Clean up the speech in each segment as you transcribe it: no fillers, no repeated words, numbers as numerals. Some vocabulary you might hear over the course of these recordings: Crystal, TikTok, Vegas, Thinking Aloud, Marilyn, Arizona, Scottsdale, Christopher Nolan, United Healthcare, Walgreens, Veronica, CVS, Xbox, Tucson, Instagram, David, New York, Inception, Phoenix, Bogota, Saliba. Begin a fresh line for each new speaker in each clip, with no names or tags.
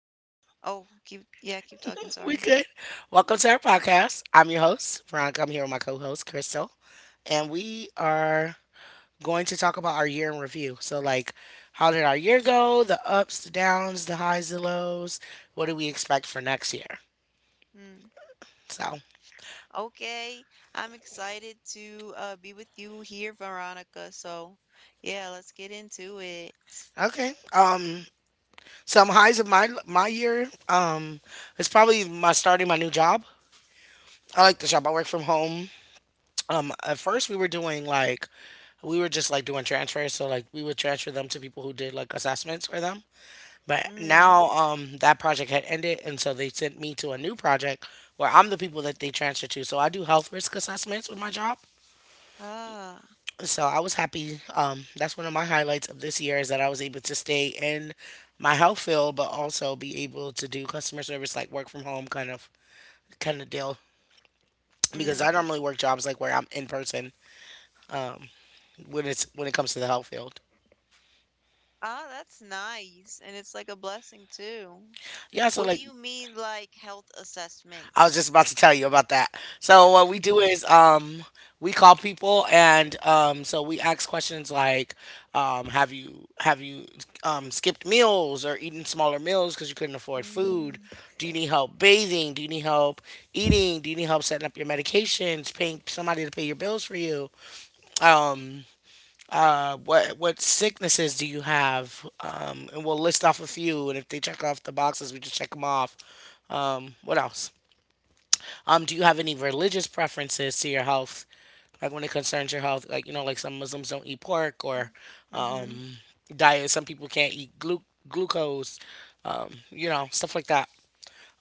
yeah. Oh, keep yeah, keep talking,
We good.
sorry.
Welcome to our podcast. I'm your host, Veronica. I'm here with my co host, Crystal. And we are going to talk about our year in review. So, like, how did our year go? The ups, the downs, the highs, the lows. What do we expect for next year?
Mm.
So,
Okay. I'm excited to be with you here, Veronica. So, yeah, let's get into it.
okay. Some highs of my year. It's probably my starting my new job. I like the job. I work from home. At first we were doing like we were just like doing transfers, so like we would transfer them to people who did like assessments for them. But
Mm.
now that project had ended and so they sent me to a new project where I'm the people that they transfer to. So I do health risk assessments with my job.
Ah,
So I was happy. That's one of my highlights of this year is that I was able to stay in my health field but also be able to do customer service like work from home kind of deal because I
mm.
normally work jobs like where I'm in person when it comes to the health field.
Ah, that's nice. And it's like a blessing too.
Yeah, so
What do
like
you mean, like health
I was
assessments?
just about to tell you about that. So what we do
Mhm.
is we call people and so we ask questions like have you skipped meals or eaten smaller meals because you couldn't afford food?
Mm,
Do you need help bathing? Do you need help eating? Do you need help setting up your medications? Paying somebody to pay your bills for you? Um what sicknesses do you have? And we'll list off a few and if they check off the boxes we just check them off. What else? Do you have any religious preferences to your health? Like when it concerns your health, like some Muslims don't eat pork or
mm-hmm.
um, diet. Some people can't eat glucose, stuff like that.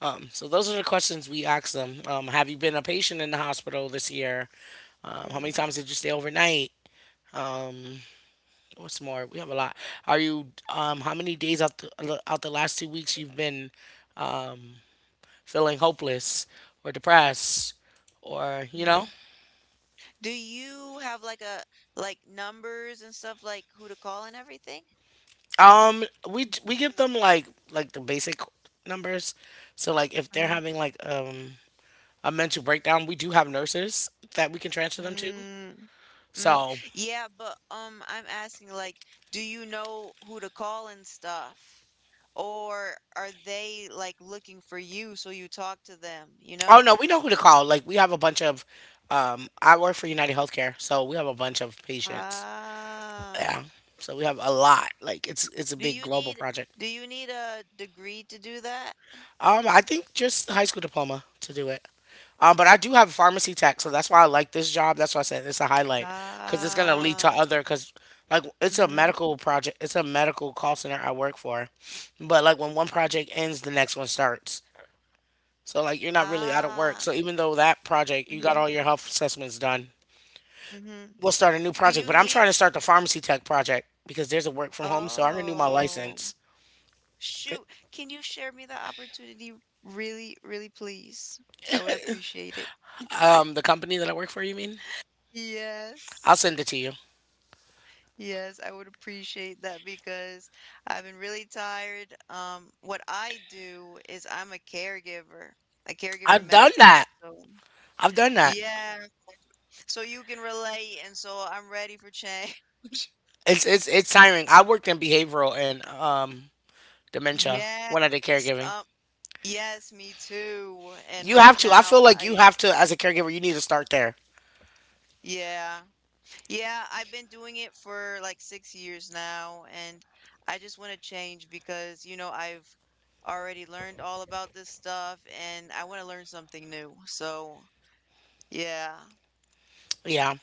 So those are the questions we ask them. Have you been a patient in the hospital this year? How many
Mm,
times did you stay overnight? Um, what's more? We have a lot. Are you? How many days out the last 2 weeks you've been um, feeling hopeless or depressed or?
mm. Do you have like a like numbers and stuff like who to call and everything?
We give them like the basic numbers. So like if they're
Mm-hmm.
having like a mental breakdown, we do have nurses that we can transfer them to.
Mm, mm.
So
Yeah, but I'm asking like, do you know who to call and stuff? Or are they like looking for you so you talk to them, you
oh
know?
no, we know who to call. Like we have a bunch of I work for United Healthcare, so we have a bunch of patients.
Ah,
Yeah. So we have a lot. Like it's a
do
big
you
global
need
project.
do you need a degree to do that?
I think just high school diploma to do it. But I do have pharmacy tech, so that's why I like this job. That's why I said it's a highlight because it's gonna lead to
Ah,
other because like it's a
mm-hmm.
medical project. It's a medical call center I work for, but like when one project ends, the next one starts. So like you're not really out of work.
Ah,
So even though that project you got
mm-hmm.
all your health assessments done,
Mm-hmm.
we'll start a new
Do
project.
you
But I'm
need?
trying to start the pharmacy tech project because there's a work from home, so I renew my
Oh,
license.
shoot. Can you share me the opportunity really, really please? I would appreciate it.
The company that I work for, you mean? I'll
Yes.
send it to you.
Yes, I would appreciate that because I've been really tired. What I do is I'm a caregiver
I've
med
done
tech,
that.
so
I've done that.
yeah, so you can relate, and so I'm ready for change.
It's tiring. I worked in behavioral and dementia
Yes.
when I did caregiving.
Um, yes, me too. And
You
right
have to. I
now,
feel like you have to as a caregiver. You need to start there.
yeah. Yeah, I've been doing it for like 6 years now, and I just want to change because I've already learned all about this stuff and I want to learn something new. So, yeah.
Yeah,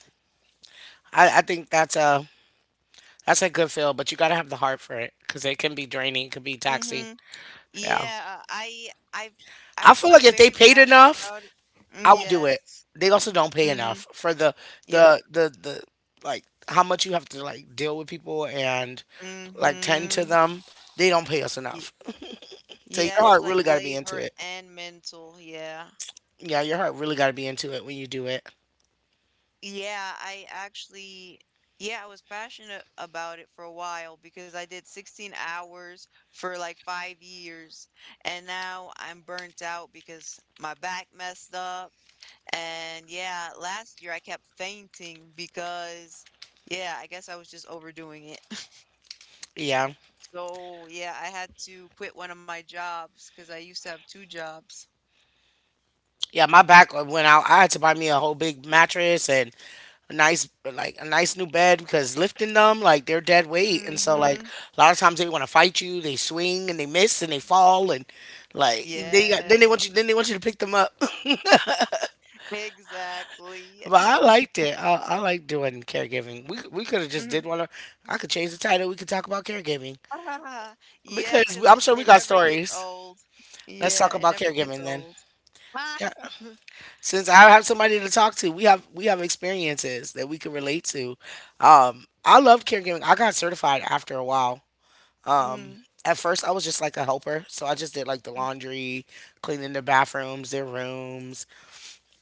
I think that's a good feel, but you gotta have the heart for it because it can be draining. It can be taxing.
Mm-hmm.
Yeah,
Yeah, I, I,
I feel like
I'm
if they
very
paid
passionate
enough,
about it. Mm,
I would do it.
yes.
They also don't pay
Mm-hmm.
enough for
Yep.
the like how much you have to like deal with people and like tend to
Mm-hmm.
them. They don't pay us enough. So your
Yeah, it's
heart
like
really got to be into
labor
it.
and mental. Yeah.
Yeah, your heart really got to be into it when you do it.
Yeah, I actually, yeah, I was passionate about it for a while because I did 16 hours for like 5 years. And now I'm burnt out because my back messed up. And yeah, last year I kept fainting because, yeah, I guess I was just overdoing it.
Yeah.
So yeah, I had to quit one of my jobs because I used to have two jobs.
Yeah, my back went out. I had to buy me a whole big mattress and a nice new bed because lifting them like they're dead weight and so like
Mm-hmm.
a lot of times they want to fight you, they swing and they miss and they fall and like then they want you
Yes,
then they want you to pick them up.
exactly.
But I liked it. I like doing caregiving. We could have just
Mhm.
did one. Of- I could change the title. We could talk about caregiving
Ah, yeah,
because
because it,
I'm sure we
it
got
never gets
stories.
old.
Let's
Yeah,
talk
it
about
never gets
caregiving then.
old. Ah.
Yeah, since I have somebody to talk to, we have experiences that we can relate to. I love caregiving. I got certified after a while. Um,
Mm,
at first, I was just like a helper, so I just did like the
mm,
laundry, cleaning the bathrooms, their rooms.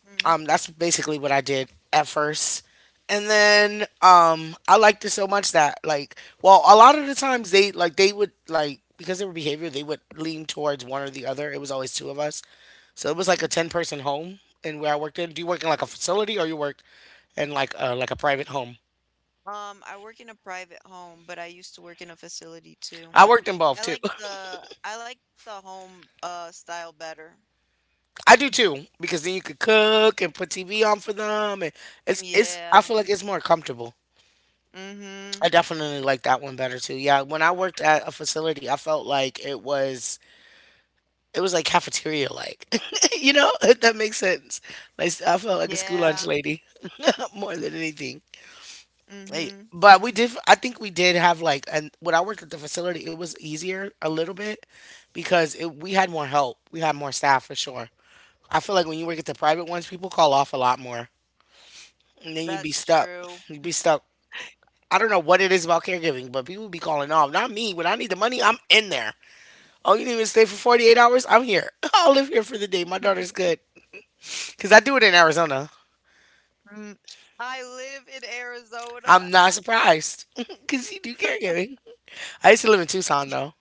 mm,
That's basically what I did at first. And then I liked it so much that well, a lot of the times they would like because they were behavior, they would lean towards one or the other. It was always two of us. So it was like a
mhm.
ten-person home, and where I worked in. Do you work in like a facility, or you worked in like a private home?
I work in a private home, but I used to work in a facility too.
I worked in both too.
I like the home style better.
I do too because then you could cook and put TV on for them, and it's it's. I
Yeah.
feel like it's more comfortable.
Mm-hmm.
I definitely like that one better too. Yeah, when I worked at a facility, I felt like it was like cafeteria like. You know, if that makes sense. Like I felt like a school lunch
Yeah.
lady more than anything. Hey,
Mm-hmm.
but we did. I think we did have like, and when I worked at the facility, it was easier a little bit because we had more help. We had more staff for sure. I feel like when you work at the private ones, people call off a lot more, and then you'd be
That's
stuck.
true.
You'd be stuck. I don't know what it is about caregiving, but people be calling off. Not me. When I need the money, I'm in there. Oh, you didn't even stay for 48 hours? I'm here. I'll live here for the day. My daughter's good. Because I do it in Arizona.
Mm. I live in Arizona.
I'm not surprised. Because you do caregiving. I used to live in Tucson, though.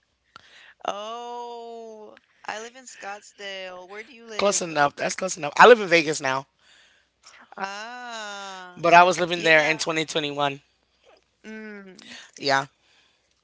Oh, I live in Scottsdale. Where do you
Close
live?
enough. That's close enough. I live in Vegas now,
Ah,
but I was living there in
yeah.
2021.
Mm.
Yeah.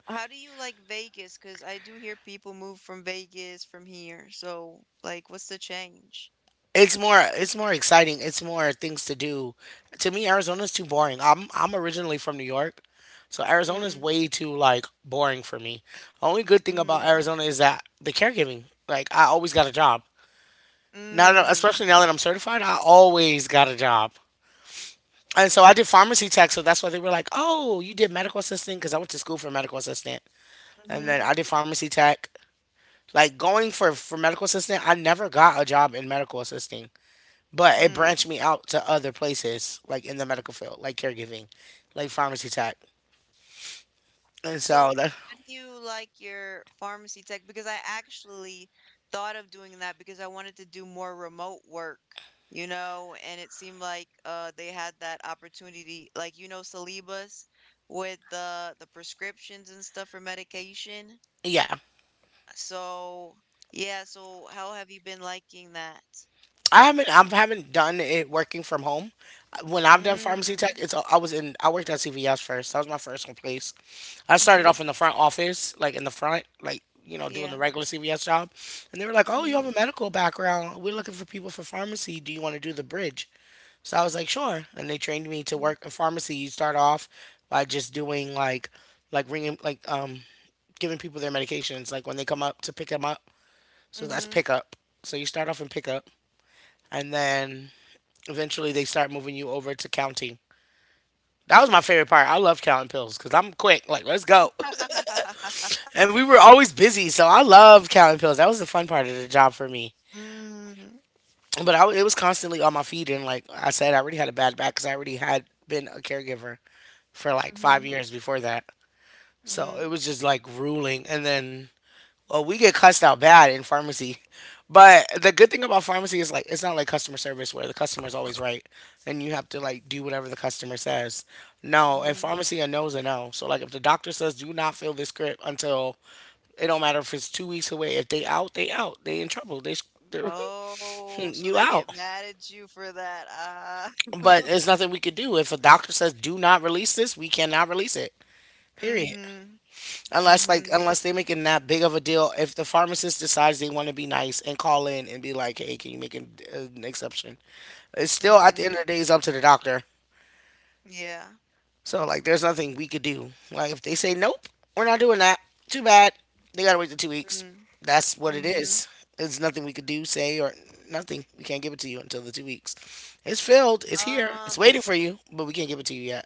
How do you like Vegas? Because I do hear people move from Vegas from here. So, like, what's the change?
It's more exciting. It's more things to do. To me, Arizona's too boring. I'm originally from New York. So Arizona's
Mm,
way too like boring for me. Only good thing about
mm,
Arizona is that the caregiving. Like I always got a job. Now, especially
mm,
now that I'm certified, I always got a job. And so I did pharmacy tech, so that's why they were like, "Oh, you did medical assistant," because I went to school for medical assistant, and
mm-hmm,
then I did pharmacy tech. Like going for medical assistant, I never got a job in medical assisting, but it branched
mm.
me out to other places, like in the medical field, like caregiving, like pharmacy tech, and
So,
so that
how do you like your pharmacy tech? Because I actually thought of doing that because I wanted to do more remote work, you know, and it seemed like they had that opportunity, like Saliba's with the prescriptions and stuff for medication.
yeah,
So, yeah, so how have you been liking that?
I haven't done it working from home. When I've done pharmacy tech,
Mm,
it's I was in I worked at CVS first. That was my first place. I started
mm-hmm.
off in the front office, like in the front, doing the
Yeah.
regular CVS job. And they were like, "Oh, you
Mm-hmm.
have a medical background. We're looking for people for pharmacy. Do you want to do the bridge?" So I was like, sure. And they trained me to
Mm-hmm.
work in pharmacy. You start off by just doing like ringing, giving people their medications, like when they come up to pick them up. So that's
Mm-hmm.
pickup. So you start off in pickup, and then eventually they start moving you over to counting. That was my favorite part. I love counting pills because I'm quick. Like, let's go. And we were always busy, so I love counting pills. That was the fun part of the job for me.
Mm,
But I, it was constantly on my feet, and like I said, I already had a bad back because I already had been a caregiver for like
mm-hmm.
5 years before that. So
mm
it was just like ruling. And then, well, we get cussed out bad in pharmacy. But the good thing about pharmacy is, like, it's not like customer service where the customer's always right and you have to, like, do whatever the customer says. No, in
Mm-hmm.
pharmacy, a no's a no. So, like, if the doctor says, do not fill this script until, it don't matter if it's 2 weeks away, if they out, they out. They in trouble. They're,
Oh, so
you
they get
out.
mad at you for that, ah.
But
Mm.
there's nothing we could do. If a doctor says, do not release this, we cannot release it. Period.
Mhm, mm
Unless like
mhm,
unless they making that big of a deal, if the pharmacist decides they want to be nice and call in and be like, "Hey, can you make an exception?" It's
mm
still at the end
mhm.
of the day, it's up to the doctor.
Yeah.
So, like, there's nothing we could do. Like, if they say nope, we're not doing that. Too bad. They gotta wait the 2 weeks.
Mm,
That's what
mm
it
mhm.
is. There's nothing we could do, say, or nothing. We can't give it to you until the 2 weeks. It's filled. It's here. It's
Um,
waiting for you, but we can't give it to you yet.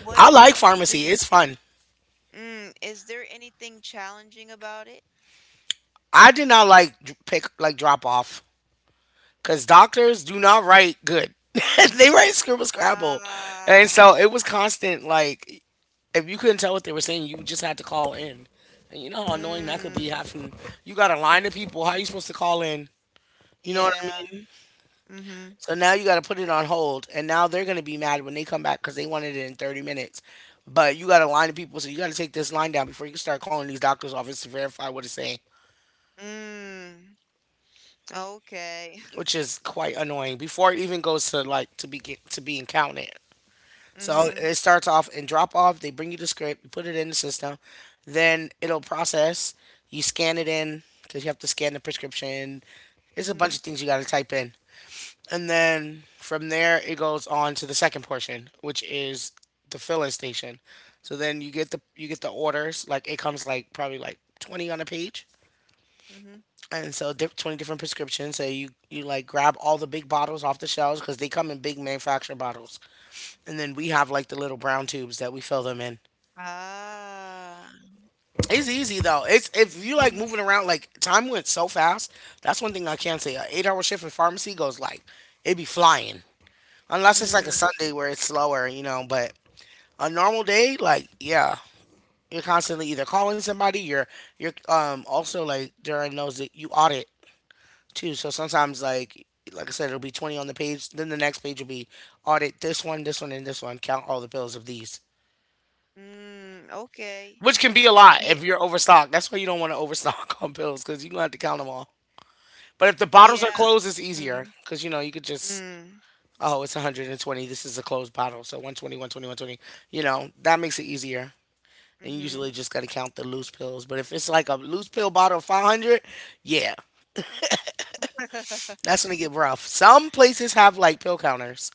what
I like
do
pharmacy.
you
It's fun.
Mm, Is there anything challenging about it?
I did not like dr- pick like drop off, because doctors do not write good. They write scribble scrabble, and
Ah.
so it was constant. Like, if you couldn't tell what they were saying, you just had to call in. And you know how annoying that could be.
Mm,
Having You got a line of people, how you supposed to call in? You know what I
yeah.
mean?
Mm.
So now you got to put it on hold, and now they're gonna be mad when they come back because they wanted it in 30 minutes. But you got a line of people, so you got to take this line down before you can start calling these doctors' office to verify what it's saying,
Mhm. Mm, okay.
which is quite annoying before it even goes to like to be to being counted. So
Mm.
it starts off in drop off. They bring you the script. You put it in the system. Then it'll process. You scan it in because you have to scan the prescription. It's a bunch of
Mhm,
things you got to type in. And then from there, it goes on to the second portion, which is the filling station. So then you get the orders. Like, it comes like probably like 20 on a page,
mm mhm, mm mhm.
and so 20 different prescriptions. So you, like, grab all the big bottles off the shelves because they come in big manufacturer bottles, and then we have, like, the little brown tubes that we fill them in.
Ah.
It's easy though. It's, if you like
mm,
moving around. Like, time went so fast. That's one thing I can say. A eight-hour shift in pharmacy goes like, it be flying. Unless it's like a
Mm,
Sunday where it's slower, you know. But a normal day, like, yeah, you're constantly either calling somebody. You're also, like, during those that you audit too. So sometimes, like I said, it'll be 20 on the page. Then the next page will be audit this one, and this one. Count all the pills of these.
mm, okay.
Which can be a lot
Yeah,
if you're overstocked. That's why you don't want to overstock on pills because you're going to have to count them all. But if the bottles are
yeah.
closed, it's easier
Mm.
because you know you could just,
Mm,
oh, it's 120. This is a closed bottle, so 120, 120, 120. You know that makes it easier. And you usually
mhm.
just gotta count the loose pills. But if it's like a loose pill bottle of 500, yeah, that's gonna get rough. Some places have like pill counters,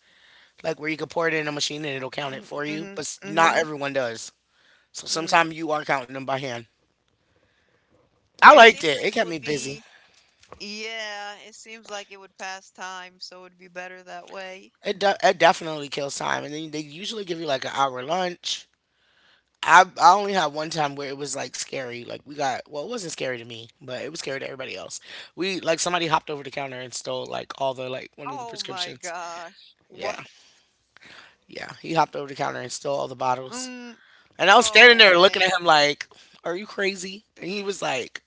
like, where you can pour it in a machine and it'll count it
Mhm,
for you. But
mhm,
not
mhm.
everyone does. So
Mm.
sometimes you are counting them by hand. I
It
liked
seems
it.
like
It
it
kept
would
me busy.
be, yeah, it seems like it would pass time, so it'd be better that way.
It definitely kills time, and then they usually give you like an hour lunch. I only had one time where it was like scary. Like, we got, well, it wasn't scary to me, but it was scary to everybody else. We, like, somebody hopped over the counter and stole like all the, like, one of the
Oh my
prescriptions.
gosh. What?
Yeah, yeah. He hopped over the counter and stole all the bottles.
Mm,
And I was standing
oh
there looking at
man.
him like, "Are you crazy?" And he was like,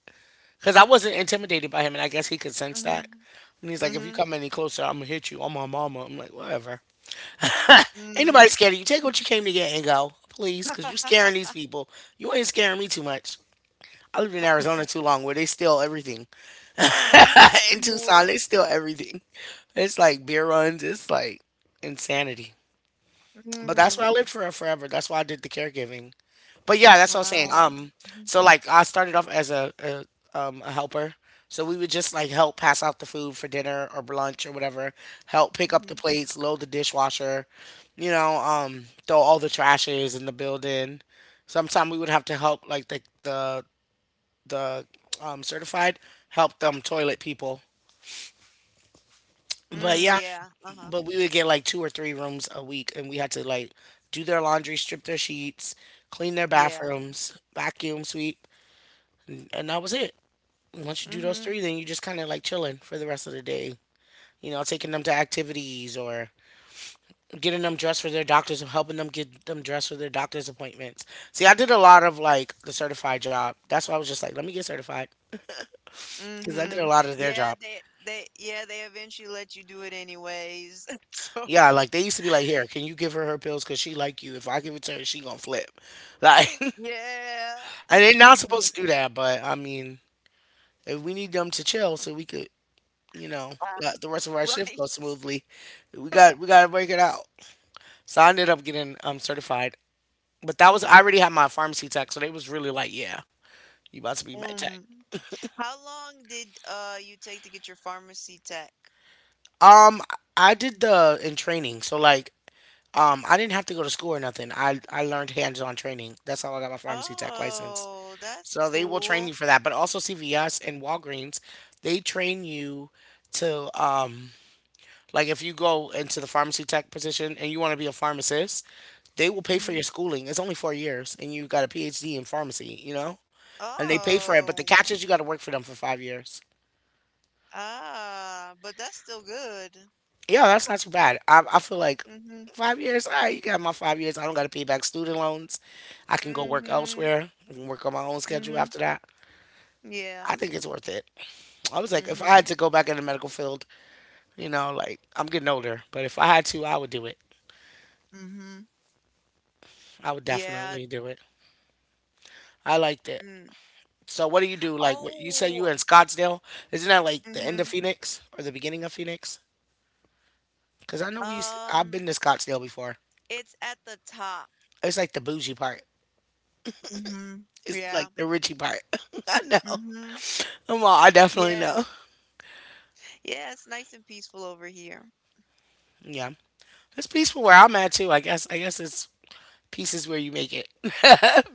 "Cause I wasn't intimidated by him, and I guess he could sense that."
Mhm,
And he's like, "If you
mhm,
come any closer, I'm gonna hit you. I'm my mama." I'm like, "Whatever. Ain't
mm.
nobody scared of you. Take what you came to get and go, please, cause you scaring these people. You ain't scaring me too much." I lived in Arizona too long where they steal everything.
Um,
In Tucson,
wo-
they steal everything. It's like beer runs. It's like insanity. But that's where I
mm,
lived for forever. That's why I did the caregiving. But yeah, that's what I was saying.
ah, mhm,
So like I started off as a helper. So we would just like help pass out the food for dinner or lunch or whatever. Help pick up
mhm,
the plates, load the dishwasher, you know, throw all the trashes in the building. Sometimes we would have to help like the certified, helped them toilet people. But
mm,
yeah,
yeah, uh-huh,
but we would get like 2 or 3 rooms a week, and we had to, like, do their laundry, strip their sheets, clean their
yeah,
bathrooms, vacuum sweep, and that was it. Once you do those
mhm.
three, then you just kind of like chilling for the rest of the day. You know, taking them to activities or getting them dressed for their doctors or helping them get them dressed for their doctor's appointments. See, I did a lot of like the certified job. That's why I was just like, let me get certified because I did a
Mhm.
lot of their
Yeah,
job.
they they yeah, they eventually let you do it anyways. So,
Yeah, like, they used to be like, here, can you give her her pills? Cause she like you. If I give it to her, she gonna flip. Like, and
yeah.
they're not supposed to do that. But I mean, if we need them to chill, so we could, you know,
Uh,
let the rest of our shift
Right.
go smoothly, we gotta break it out. So I ended up getting certified. But that was, I already had my pharmacy tech, so they was really like, yeah, you about to be med tech.
Um, how long did you take to get your pharmacy tech?
Um, I did the in training. So, like, I didn't have to go to school or nothing. I learned hands-on training. That's how I got my pharmacy tech license.
Oh, that's
So they will train you
cool.
for that, but also CVS and Walgreens, they train you to like, if you go into the pharmacy tech position and you want to be a pharmacist, they will pay for
Mhm.
your schooling. It's only 4 years and you got a PhD in pharmacy, you know? And they pay for it, but the
Oh.
catch is you got to work for them for 5 years.
Ah, but that's still good.
Yeah, that's not too bad. I feel like
Mm-hmm.
5 years, all right, you got my 5 years. I don't got to pay back student loans. I can go work
Mm-hmm.
elsewhere. I can work on my own schedule
Mm-hmm.
after that.
Yeah.
I think it's worth it. I was like, if I
Mm-hmm.
had to go back in the medical field, you know, like, I'm getting older, but if I had to, I would do it.
Mm-hmm.
I would
Yeah.
definitely do it. I liked it.
Mm.
So what do you do? Like, what, you say you
Oh.
were in Scottsdale? Isn't that like the end of
Mm-hmm.
Phoenix or the beginning of Phoenix? Cuz I know we used I've
Um.
been to Scottsdale before.
It's at the top.
It's like the bougie part.
Mhm.
It's
Yeah.
like the richie part. I know.
Mhm.
I'm all, I definitely
Yeah.
know.
Yeah, it's nice and peaceful over here.
Yeah. It's peaceful where I'm at too. I guess it's pieces where you make it.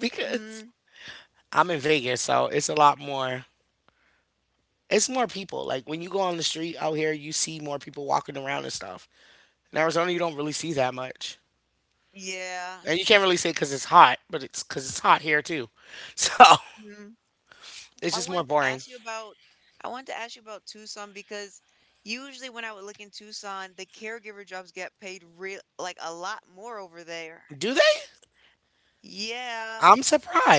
Because
Mhm.
I'm in Vegas, so it's a lot more, it's more people. Like, when you go on the street out here, you see more people walking around and stuff. In Arizona, you don't really see that much,
Yeah.
and you can't really say because it's hot, but it's because it's hot here too. So
Mhm.
it's
I
just more
wanted to
boring.
ask you about I wanted to ask you about Tucson because usually when I would look in Tucson, the caregiver jobs get paid real like a lot more over there.
Do they?
Yeah.
I'm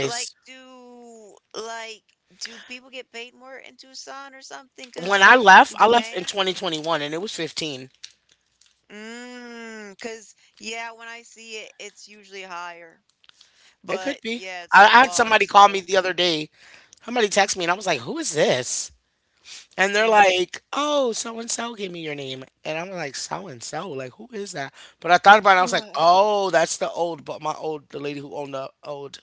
Like do like do people get paid more in Tucson or something?
When
Cause like
I
the
left in
demand?
2021, and it was 15.
Mm, cause yeah, when I see it, it's usually higher.
It could
But
be.
yeah, it's
I,
so
I had
far,
somebody call me
so
the other day. Somebody text me, and I was like, "Who is this?" And they're
mm.
like, oh, so and so gave me your name. And I'm like, so and so? Like, who is that? But I thought about it and I was like,
Yeah.
oh, that's the old, but my old, the lady who owned the old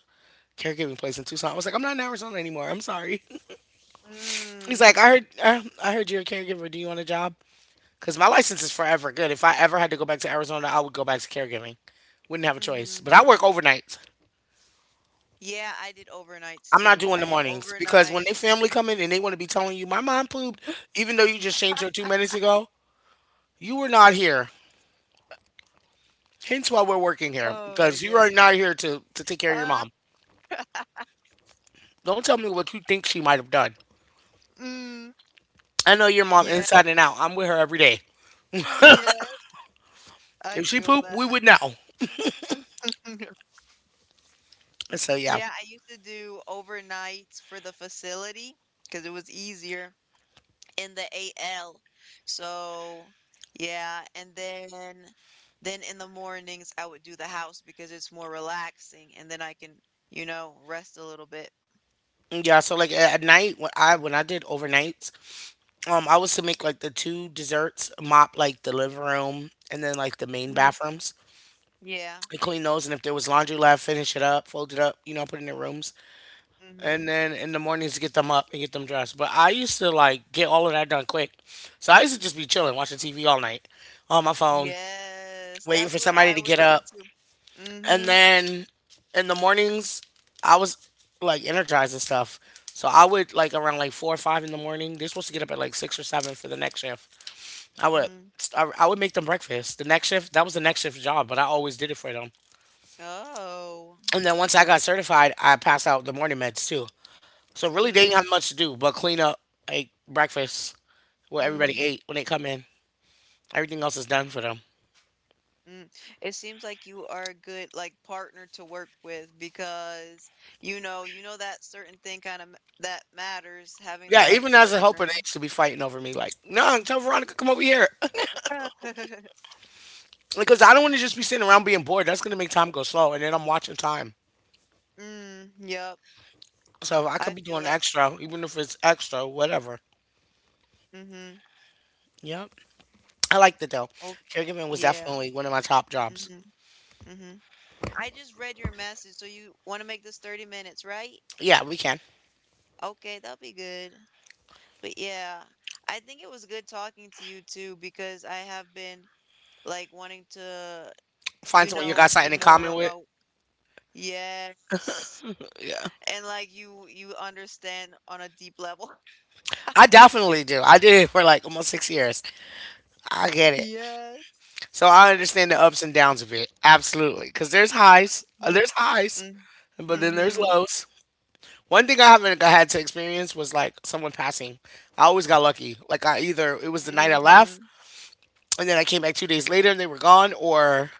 caregiving place in Tucson. I was like, I'm not in Arizona anymore. I'm sorry. He's like,
Mm,
I heard you're a caregiver. Do you want a job? Because my license is forever good. If I ever had to go back to Arizona, I would go back to caregiving. Wouldn't have a choice.
mhm.
But I work overnight.
Yeah, I did overnights
I'm not
too.
doing
I
the
did
mornings because when they
overnight.
family come in and they want to be telling you, my mom pooped, even though you just changed her 2 minutes ago, you were not here. Hence why we're working here,
Oh my
because you
gosh.
are not here to take care of your
Ah,
mom. Don't tell me what you think she might have done.
mm,
I know your mom
yeah,
inside and out. I'm with her every day.
yeah, I
If she
feel
pooped, we
that.
would know. And so yeah,
Yeah, I used to do overnights for the facility because it was easier in the AL. So, yeah, and then in the mornings I would do the house because it's more relaxing and then I can rest a little bit.
yeah. So like at night when I did overnights, I was to make like the two desserts, mop like the living room and then like the main
Hmm.
bathrooms,
Yeah.
and clean those, and if there was laundry left, finish it up, fold it up, put it in the rooms, and
Hmm.
then in the mornings get them up and get them dressed. But I used to like get all of that done quick. So I used to just be chilling, watching TV all night on my phone,
Yes,
waiting for
that's what
somebody
I
to
would
get
do
up.
too.
And
Hmm.
then in the mornings, I was like energized and stuff. So I would like around like four or five in the morning. They're supposed to get up at like six or seven for the next shift. I would
Hmm.
I would make them breakfast. The next shift, that was the next shift job, but I always did it for them.
Oh.
And then once I got certified, I passed out the morning meds too. So really, they
Mm,
didn't have much to do but clean up like breakfast, what
mm,
everybody ate when they come in. Everything else is done for them.
mm. It seems like you are a good like partner to work with because you know that certain thing kind of that matters, having the
Yeah,
right
even as a helper, they
partner.
used to be fighting over me. Like, no, tell Veronica come over here because I don't want to just be sitting around being bored. That's gonna make time go slow, and then I'm watching time.
Mm, yep.
So I
I
could be
feel
doing
that.
extra, even if it's extra, whatever.
Mm-hmm.
Yep, I liked it though.
Okay.
Caregiving was
Yeah.
definitely one of my top jobs.
Mm-hmm. Mm-hmm. I just read your message, so you want to make this 30 minutes, right?
Yeah, we can
Okay, that'll be good. But yeah, I think it was good talking to you too because I have been like wanting to,
find
you
someone you
know,
got
do
something in
more
common with.
remote. Yes.
Yeah,
And like you understand on a deep level.
I definitely do. I did it for like almost 6 years. I get it.
Yes.
So I understand the ups and downs of it. Absolutely. Because
Mm-hmm.
there's highs, but then there's
Mm-hmm.
lows. One thing I haven't I had to experience was like someone passing. I always got lucky. Like I either it was the night I left,
Mm-hmm.
and then I came back 2 days later and they were gone, or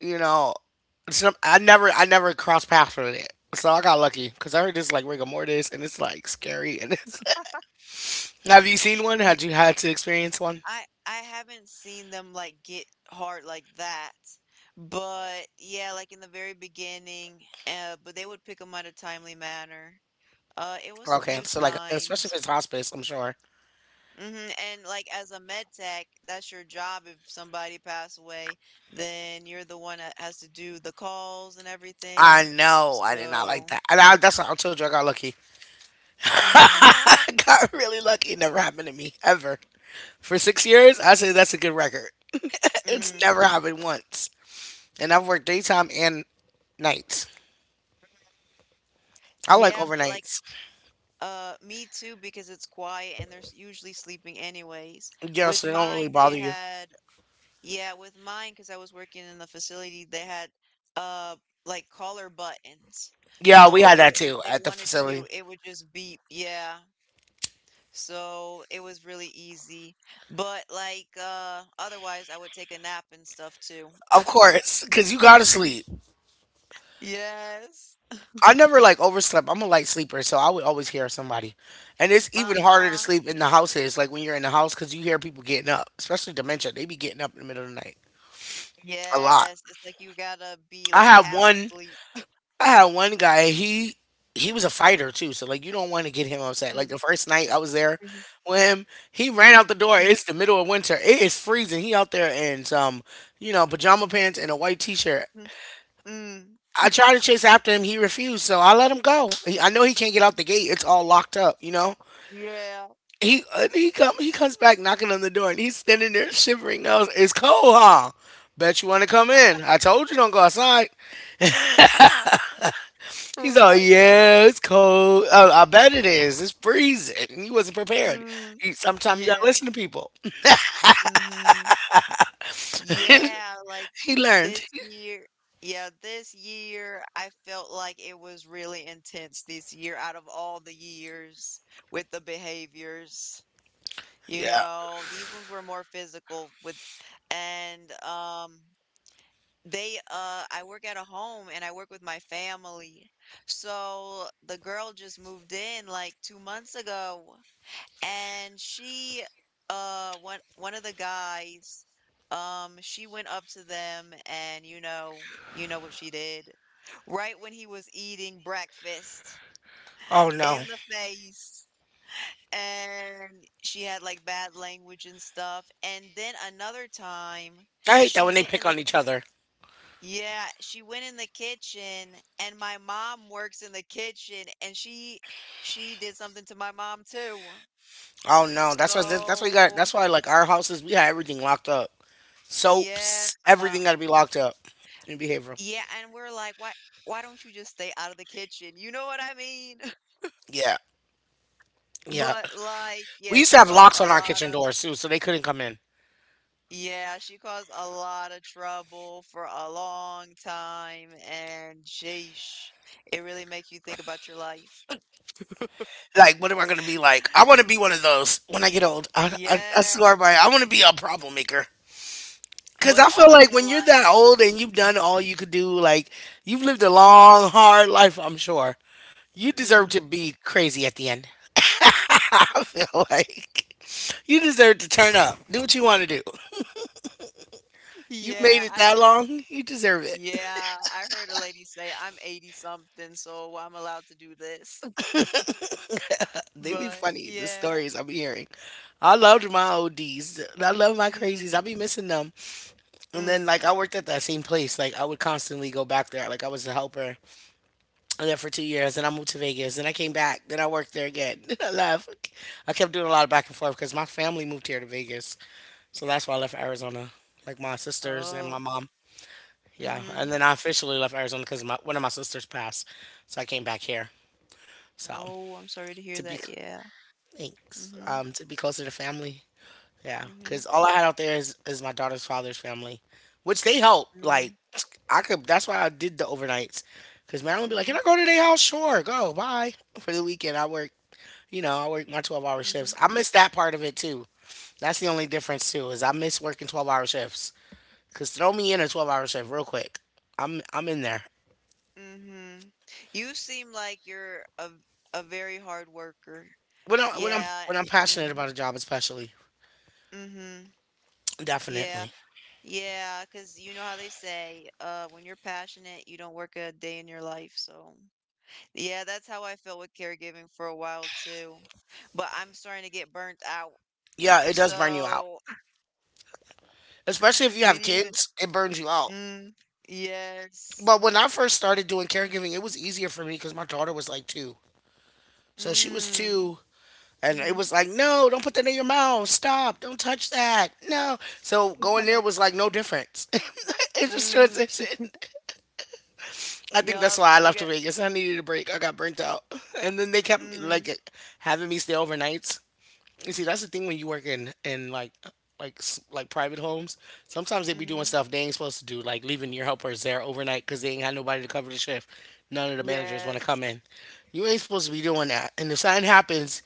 you know, some, I never crossed paths with it. So I got lucky because I heard it's like rigor mortis and it's like scary and it's. Have you seen one? Had you had to experience one?
I haven't seen them like get hard like that. But yeah, like in the very beginning, but they would pick them on a timely manner. It was a
Okay,
few
so like especially if
times.
it's hospice, I'm sure.
Hmm. And like as a med tech, that's your job. If somebody passed away, then you're the one that has to do the calls and
I
everything.
know. I did not like
So,
that. And I, that's why I told you I got lucky.
mm-hmm.
I got really lucky. It never happened to me ever. For 6 years, I say that's a good record. It's never
Mm.
happened once. And I've worked daytime and nights. I like
Yeah, but like
overnights.
Me too, because it's quiet and they're usually sleeping anyways.
Yeah,
With
so they don't really
mine,
bother you.
with mine, because I was working in the facility, they had uh like caller buttons.
Yeah, we had that
So if
too
they
at the
wanted
facility.
you, it would just beep. Yeah. So it was really easy. But like otherwise I would take a nap and stuff too.
Of course, because you gotta sleep.
Yes.
I never like overslept. I'm a light sleeper, so I would always hear somebody. And it's even harder to
Uh-huh.
sleep in the house is like when you're in the house because you hear people getting up, especially dementia. They be getting up in the middle of the night a lot.
Yes. It's like you gotta be
I
like
had
half
one.
asleep.
I had one guy. He was a fighter too, so like you don't want to get him upset. Like the
Mm,
first night I was there
mhm,
with him, he ran out the door.
mhm,
It's the middle of winter. It is freezing. He out there in some pajama pants and a white t-shirt.
mhm. Mm.
I tried to chase after him. He refused, so I let him go. He, I know he can't get out the gate. It's all locked up, you know.
Yeah.
He he come he comes back knocking on the door and he's standing there shivering. I was, it's cold, huh? Bet you want to come in. I told you don't go outside. He's all,
Right.
yeah, it's cold. Oh, I bet it is. It's freezing. And he wasn't prepared.
Mm.
He, sometimes you gotta listen
Yeah.
to people.
Mm-hmm. Yeah, like
He learned.
this year. Yeah, this year I felt like it was really intense this year out of all the years with the behaviors. You
Yeah.
know, these ones were more physical with and they I work at a home and I work with my family. So the girl just moved in like 2 months ago, and she one of the guys, she went up to them, and you know what she did, right when he was eating breakfast,
Oh no,
in the face. And she had like bad language and stuff, and then another time
I hate that
she
when they
went in
pick on
the
each other.
yeah she went in the kitchen, and my mom works in the kitchen, and she did something to my mom too,
Oh no, that's why, that's why you got
so
that's why like our houses we had everything locked up.
yeah.
Soaps, everything
um,
got to be locked up in behavioral.
yeah, and we're like, why don't you just stay out of the kitchen? You know what I mean?
Yeah, yeah.
But like, yeah,
We used to have locks on our kitchen doors too, so they couldn't come in.
she caused a lot of trouble for a long time, and sheesh, it really makes you think about your life.
Like, what am I gonna be like? I want to be one of those when I get old. I, I
Yes.
swear by it. I want to be a problem maker. Cause
But
I feel like
also
when you're
like
that old and you've done all you could do, like you've lived a long, hard life. I'm sure you deserve to
mm,
be crazy at the end. I feel like you deserve to turn up, do what you want to do. You made
yeah,
it
I
that
did.
long, you deserve it.
Yeah, I heard a lady say, I'm 80 something, so I'm allowed to do this.
They be
But
funny, the
yeah.
stories I'm hearing. I loved my ODs. I love my crazies. I
Mm.
be missing them. And then, like,
Mm.
I worked at that same place. Like, I would constantly go back there. Like, I was a helper. I there for 2 years. Then I moved to Vegas. Then I came back. Then I worked there again. Then I left. I kept doing a lot of back and forth because my family moved here to Vegas. So that's why I left Arizona. Like, my sisters and my
Oh.
mom. Yeah. And
Mhm.
then I officially left Arizona because my, one of my sisters passed. So I came back here. So,
Oh, I'm sorry to
to
hear
be,
that. Yeah.
thanks.
Mhm.
To be closer to family. Yeah, because
Mhm.
all I had out there is my daughter's father's family, which they help. Like
Mm.
I could, that's why I did the overnights. Because Marilyn be like, "Can I
Mhm.
go to their house? Sure, go. Bye for the weekend. I work, I work my 12 hour shifts.
Mhm.
I miss that part of it too. That's the only difference too is I miss working 12 hour shifts. Cause throw me in a 12 hour shift real quick. I'm in there
Mhm. You seem like you're a very hard worker.
when I,
Yeah.
when I'm passionate
Mm.
about a job, especially
Mhm. Yeah.
definitely.
Yeah, 'cause you know how they say, when you're passionate, you don't work a day in your life. So, yeah, that's how I felt with caregiving for a while too. But I'm starting to get burnt out.
Yeah, it does burn you out,
So,
especially if you
we
have
need
kids. It burns you out.
Mm, yes.
But when I first started doing caregiving, it was easier for me because my daughter was like two. So she was
Mm,
two, and it
mm-hmm.
was like, no, don't put that in your mouth. Stop. Don't touch that. No. So going there was like no difference. It just
Mm,
transitioned. I think that's
yup.
why I left Vegas. I needed a break. I got burnt out. And then they kept like
Mm,
having me stay overnights. You see, that's the thing when you work in like like private homes. Sometimes they be doing
mm-hmm.
stuff they ain't supposed to do, like leaving your helpers there overnight because they ain't got nobody to cover the shift. None of the managers want to come
Yes.
in. You ain't supposed to be doing that. And if something happens,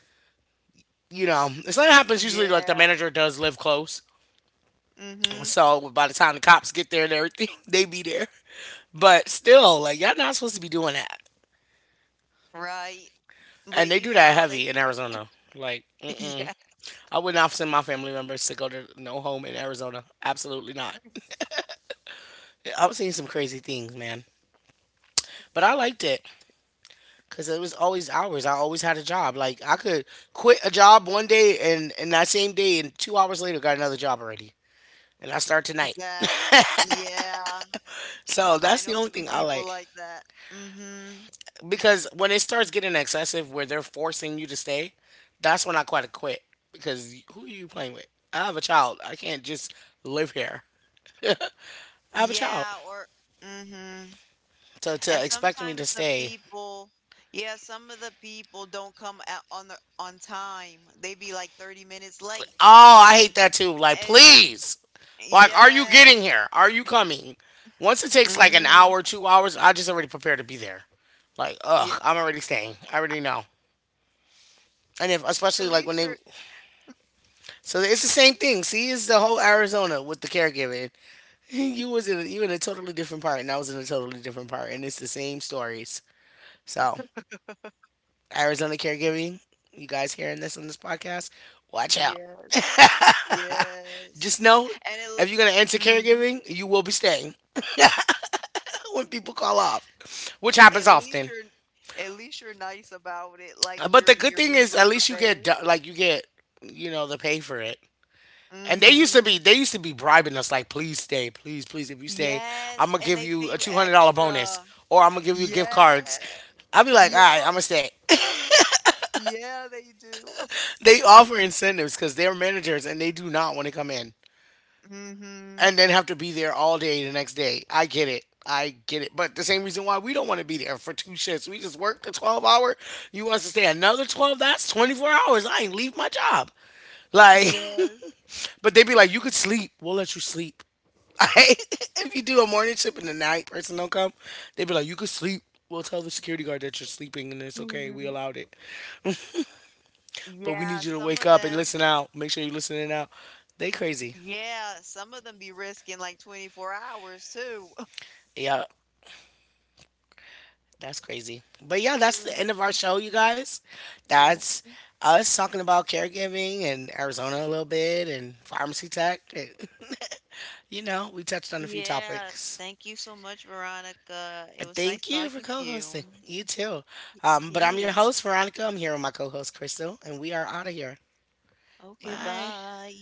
if something happens, usually like the
Yeah.
manager does live close,
Mm-hmm.
so by the time the cops get there and everything, they be there. But still, like y'all not supposed to be doing that.
Right.
And
But
they
you
do that
know, they
heavy
be
in
risk.
Arizona. Like, mm-mm.
Yes.
I would not send my family members to go to no home in Arizona. Absolutely not. I've seen some crazy things, man. But I liked it because it was always hours. I always had a job. Like I could quit a job one day and that same day and 2 hours later got another job already. And I start tonight.
That, yeah.
So
I
that's the
know
only
some
thing I
people
like
like that. Mm-hmm.
because when it starts getting excessive where they're forcing you to stay, that's when I quit because who are you playing with? I have a child. I can't just live here. I have a child.
Yeah. Or, mm-hmm.
So
And
to expect me to
sometimes the
stay.
people, yeah, some of the people don't come at, on the on time. They be like 30 minutes
Oh,
late.
I hate that too. Like,
And
please. Like, are you getting
yes.
here? Are you coming? Once it takes like an
Mm-hmm.
hour, 2 hours, I just already prepared to be there. Like,
Yeah.
ugh, I'm already staying. I already know. And if,
At
especially like when
least
they,
you're
so it's the same thing. See, it's the whole Arizona with the caregiving. You was in, you in a totally different part, and I was in a totally different part, and it's the same stories. So, Arizona caregiving, you guys hearing this on this podcast, watch out.
yes. Yes.
Just know
And it,
if you're gonna enter
mm,
caregiving, you will be staying when people call off, which happens
at least
often.
you're at least you're nice about it. Like
But the
you're
good
you're
thing is, at
mentally
least you get
prepared.
like you get, you know, the pay for it. And they used to
Mm-hmm.
be, bribing us like, please stay, please, please. If you stay,
Yes.
I'm gonna
And
give
they
you
pay
a
you
$200 bonus,
extra.
or I'm gonna give you gift
Yeah.
cards. I'd be like, all right, I'm
Yup.
gonna stay.
Yeah, they do.
They offer incentives because they're managers and they do not want to come in
Mm-hmm.
and then have to be there all day the next day. I get it. I get it. But the same reason why we don't want to be there for two shifts. We just work the 12 hour. You want us to stay another 12? That's 24 hours. I ain't leave my job. Like,
Yeah.
but they be like, you could sleep. We'll let you sleep. If you do a morning shift and the night person don't come, they be like, you could sleep. We'll tell the security guard that you're sleeping and it's okay. We
hmm
allowed it. But we need
Yeah,
you to wake up and listen out. Make sure you're listening out. They crazy.
some of them be risking like 24 hours too.
Yeah. That's crazy. But yeah, that's the end of our
Mhm.
show, you guys.
Yeah.
That's us talking about caregiving and Arizona a little bit and pharmacy tech. And you know, we touched on a few
Yeah.
topics.
Thank you so much, Veronica. It was nice
Thank you for
talking to
co
you.
hosting. You too. But I'm your
Yeah.
host, Veronica. I'm here with my co host, Crystal, and we are out of here.
Okay,
Bye.
bye.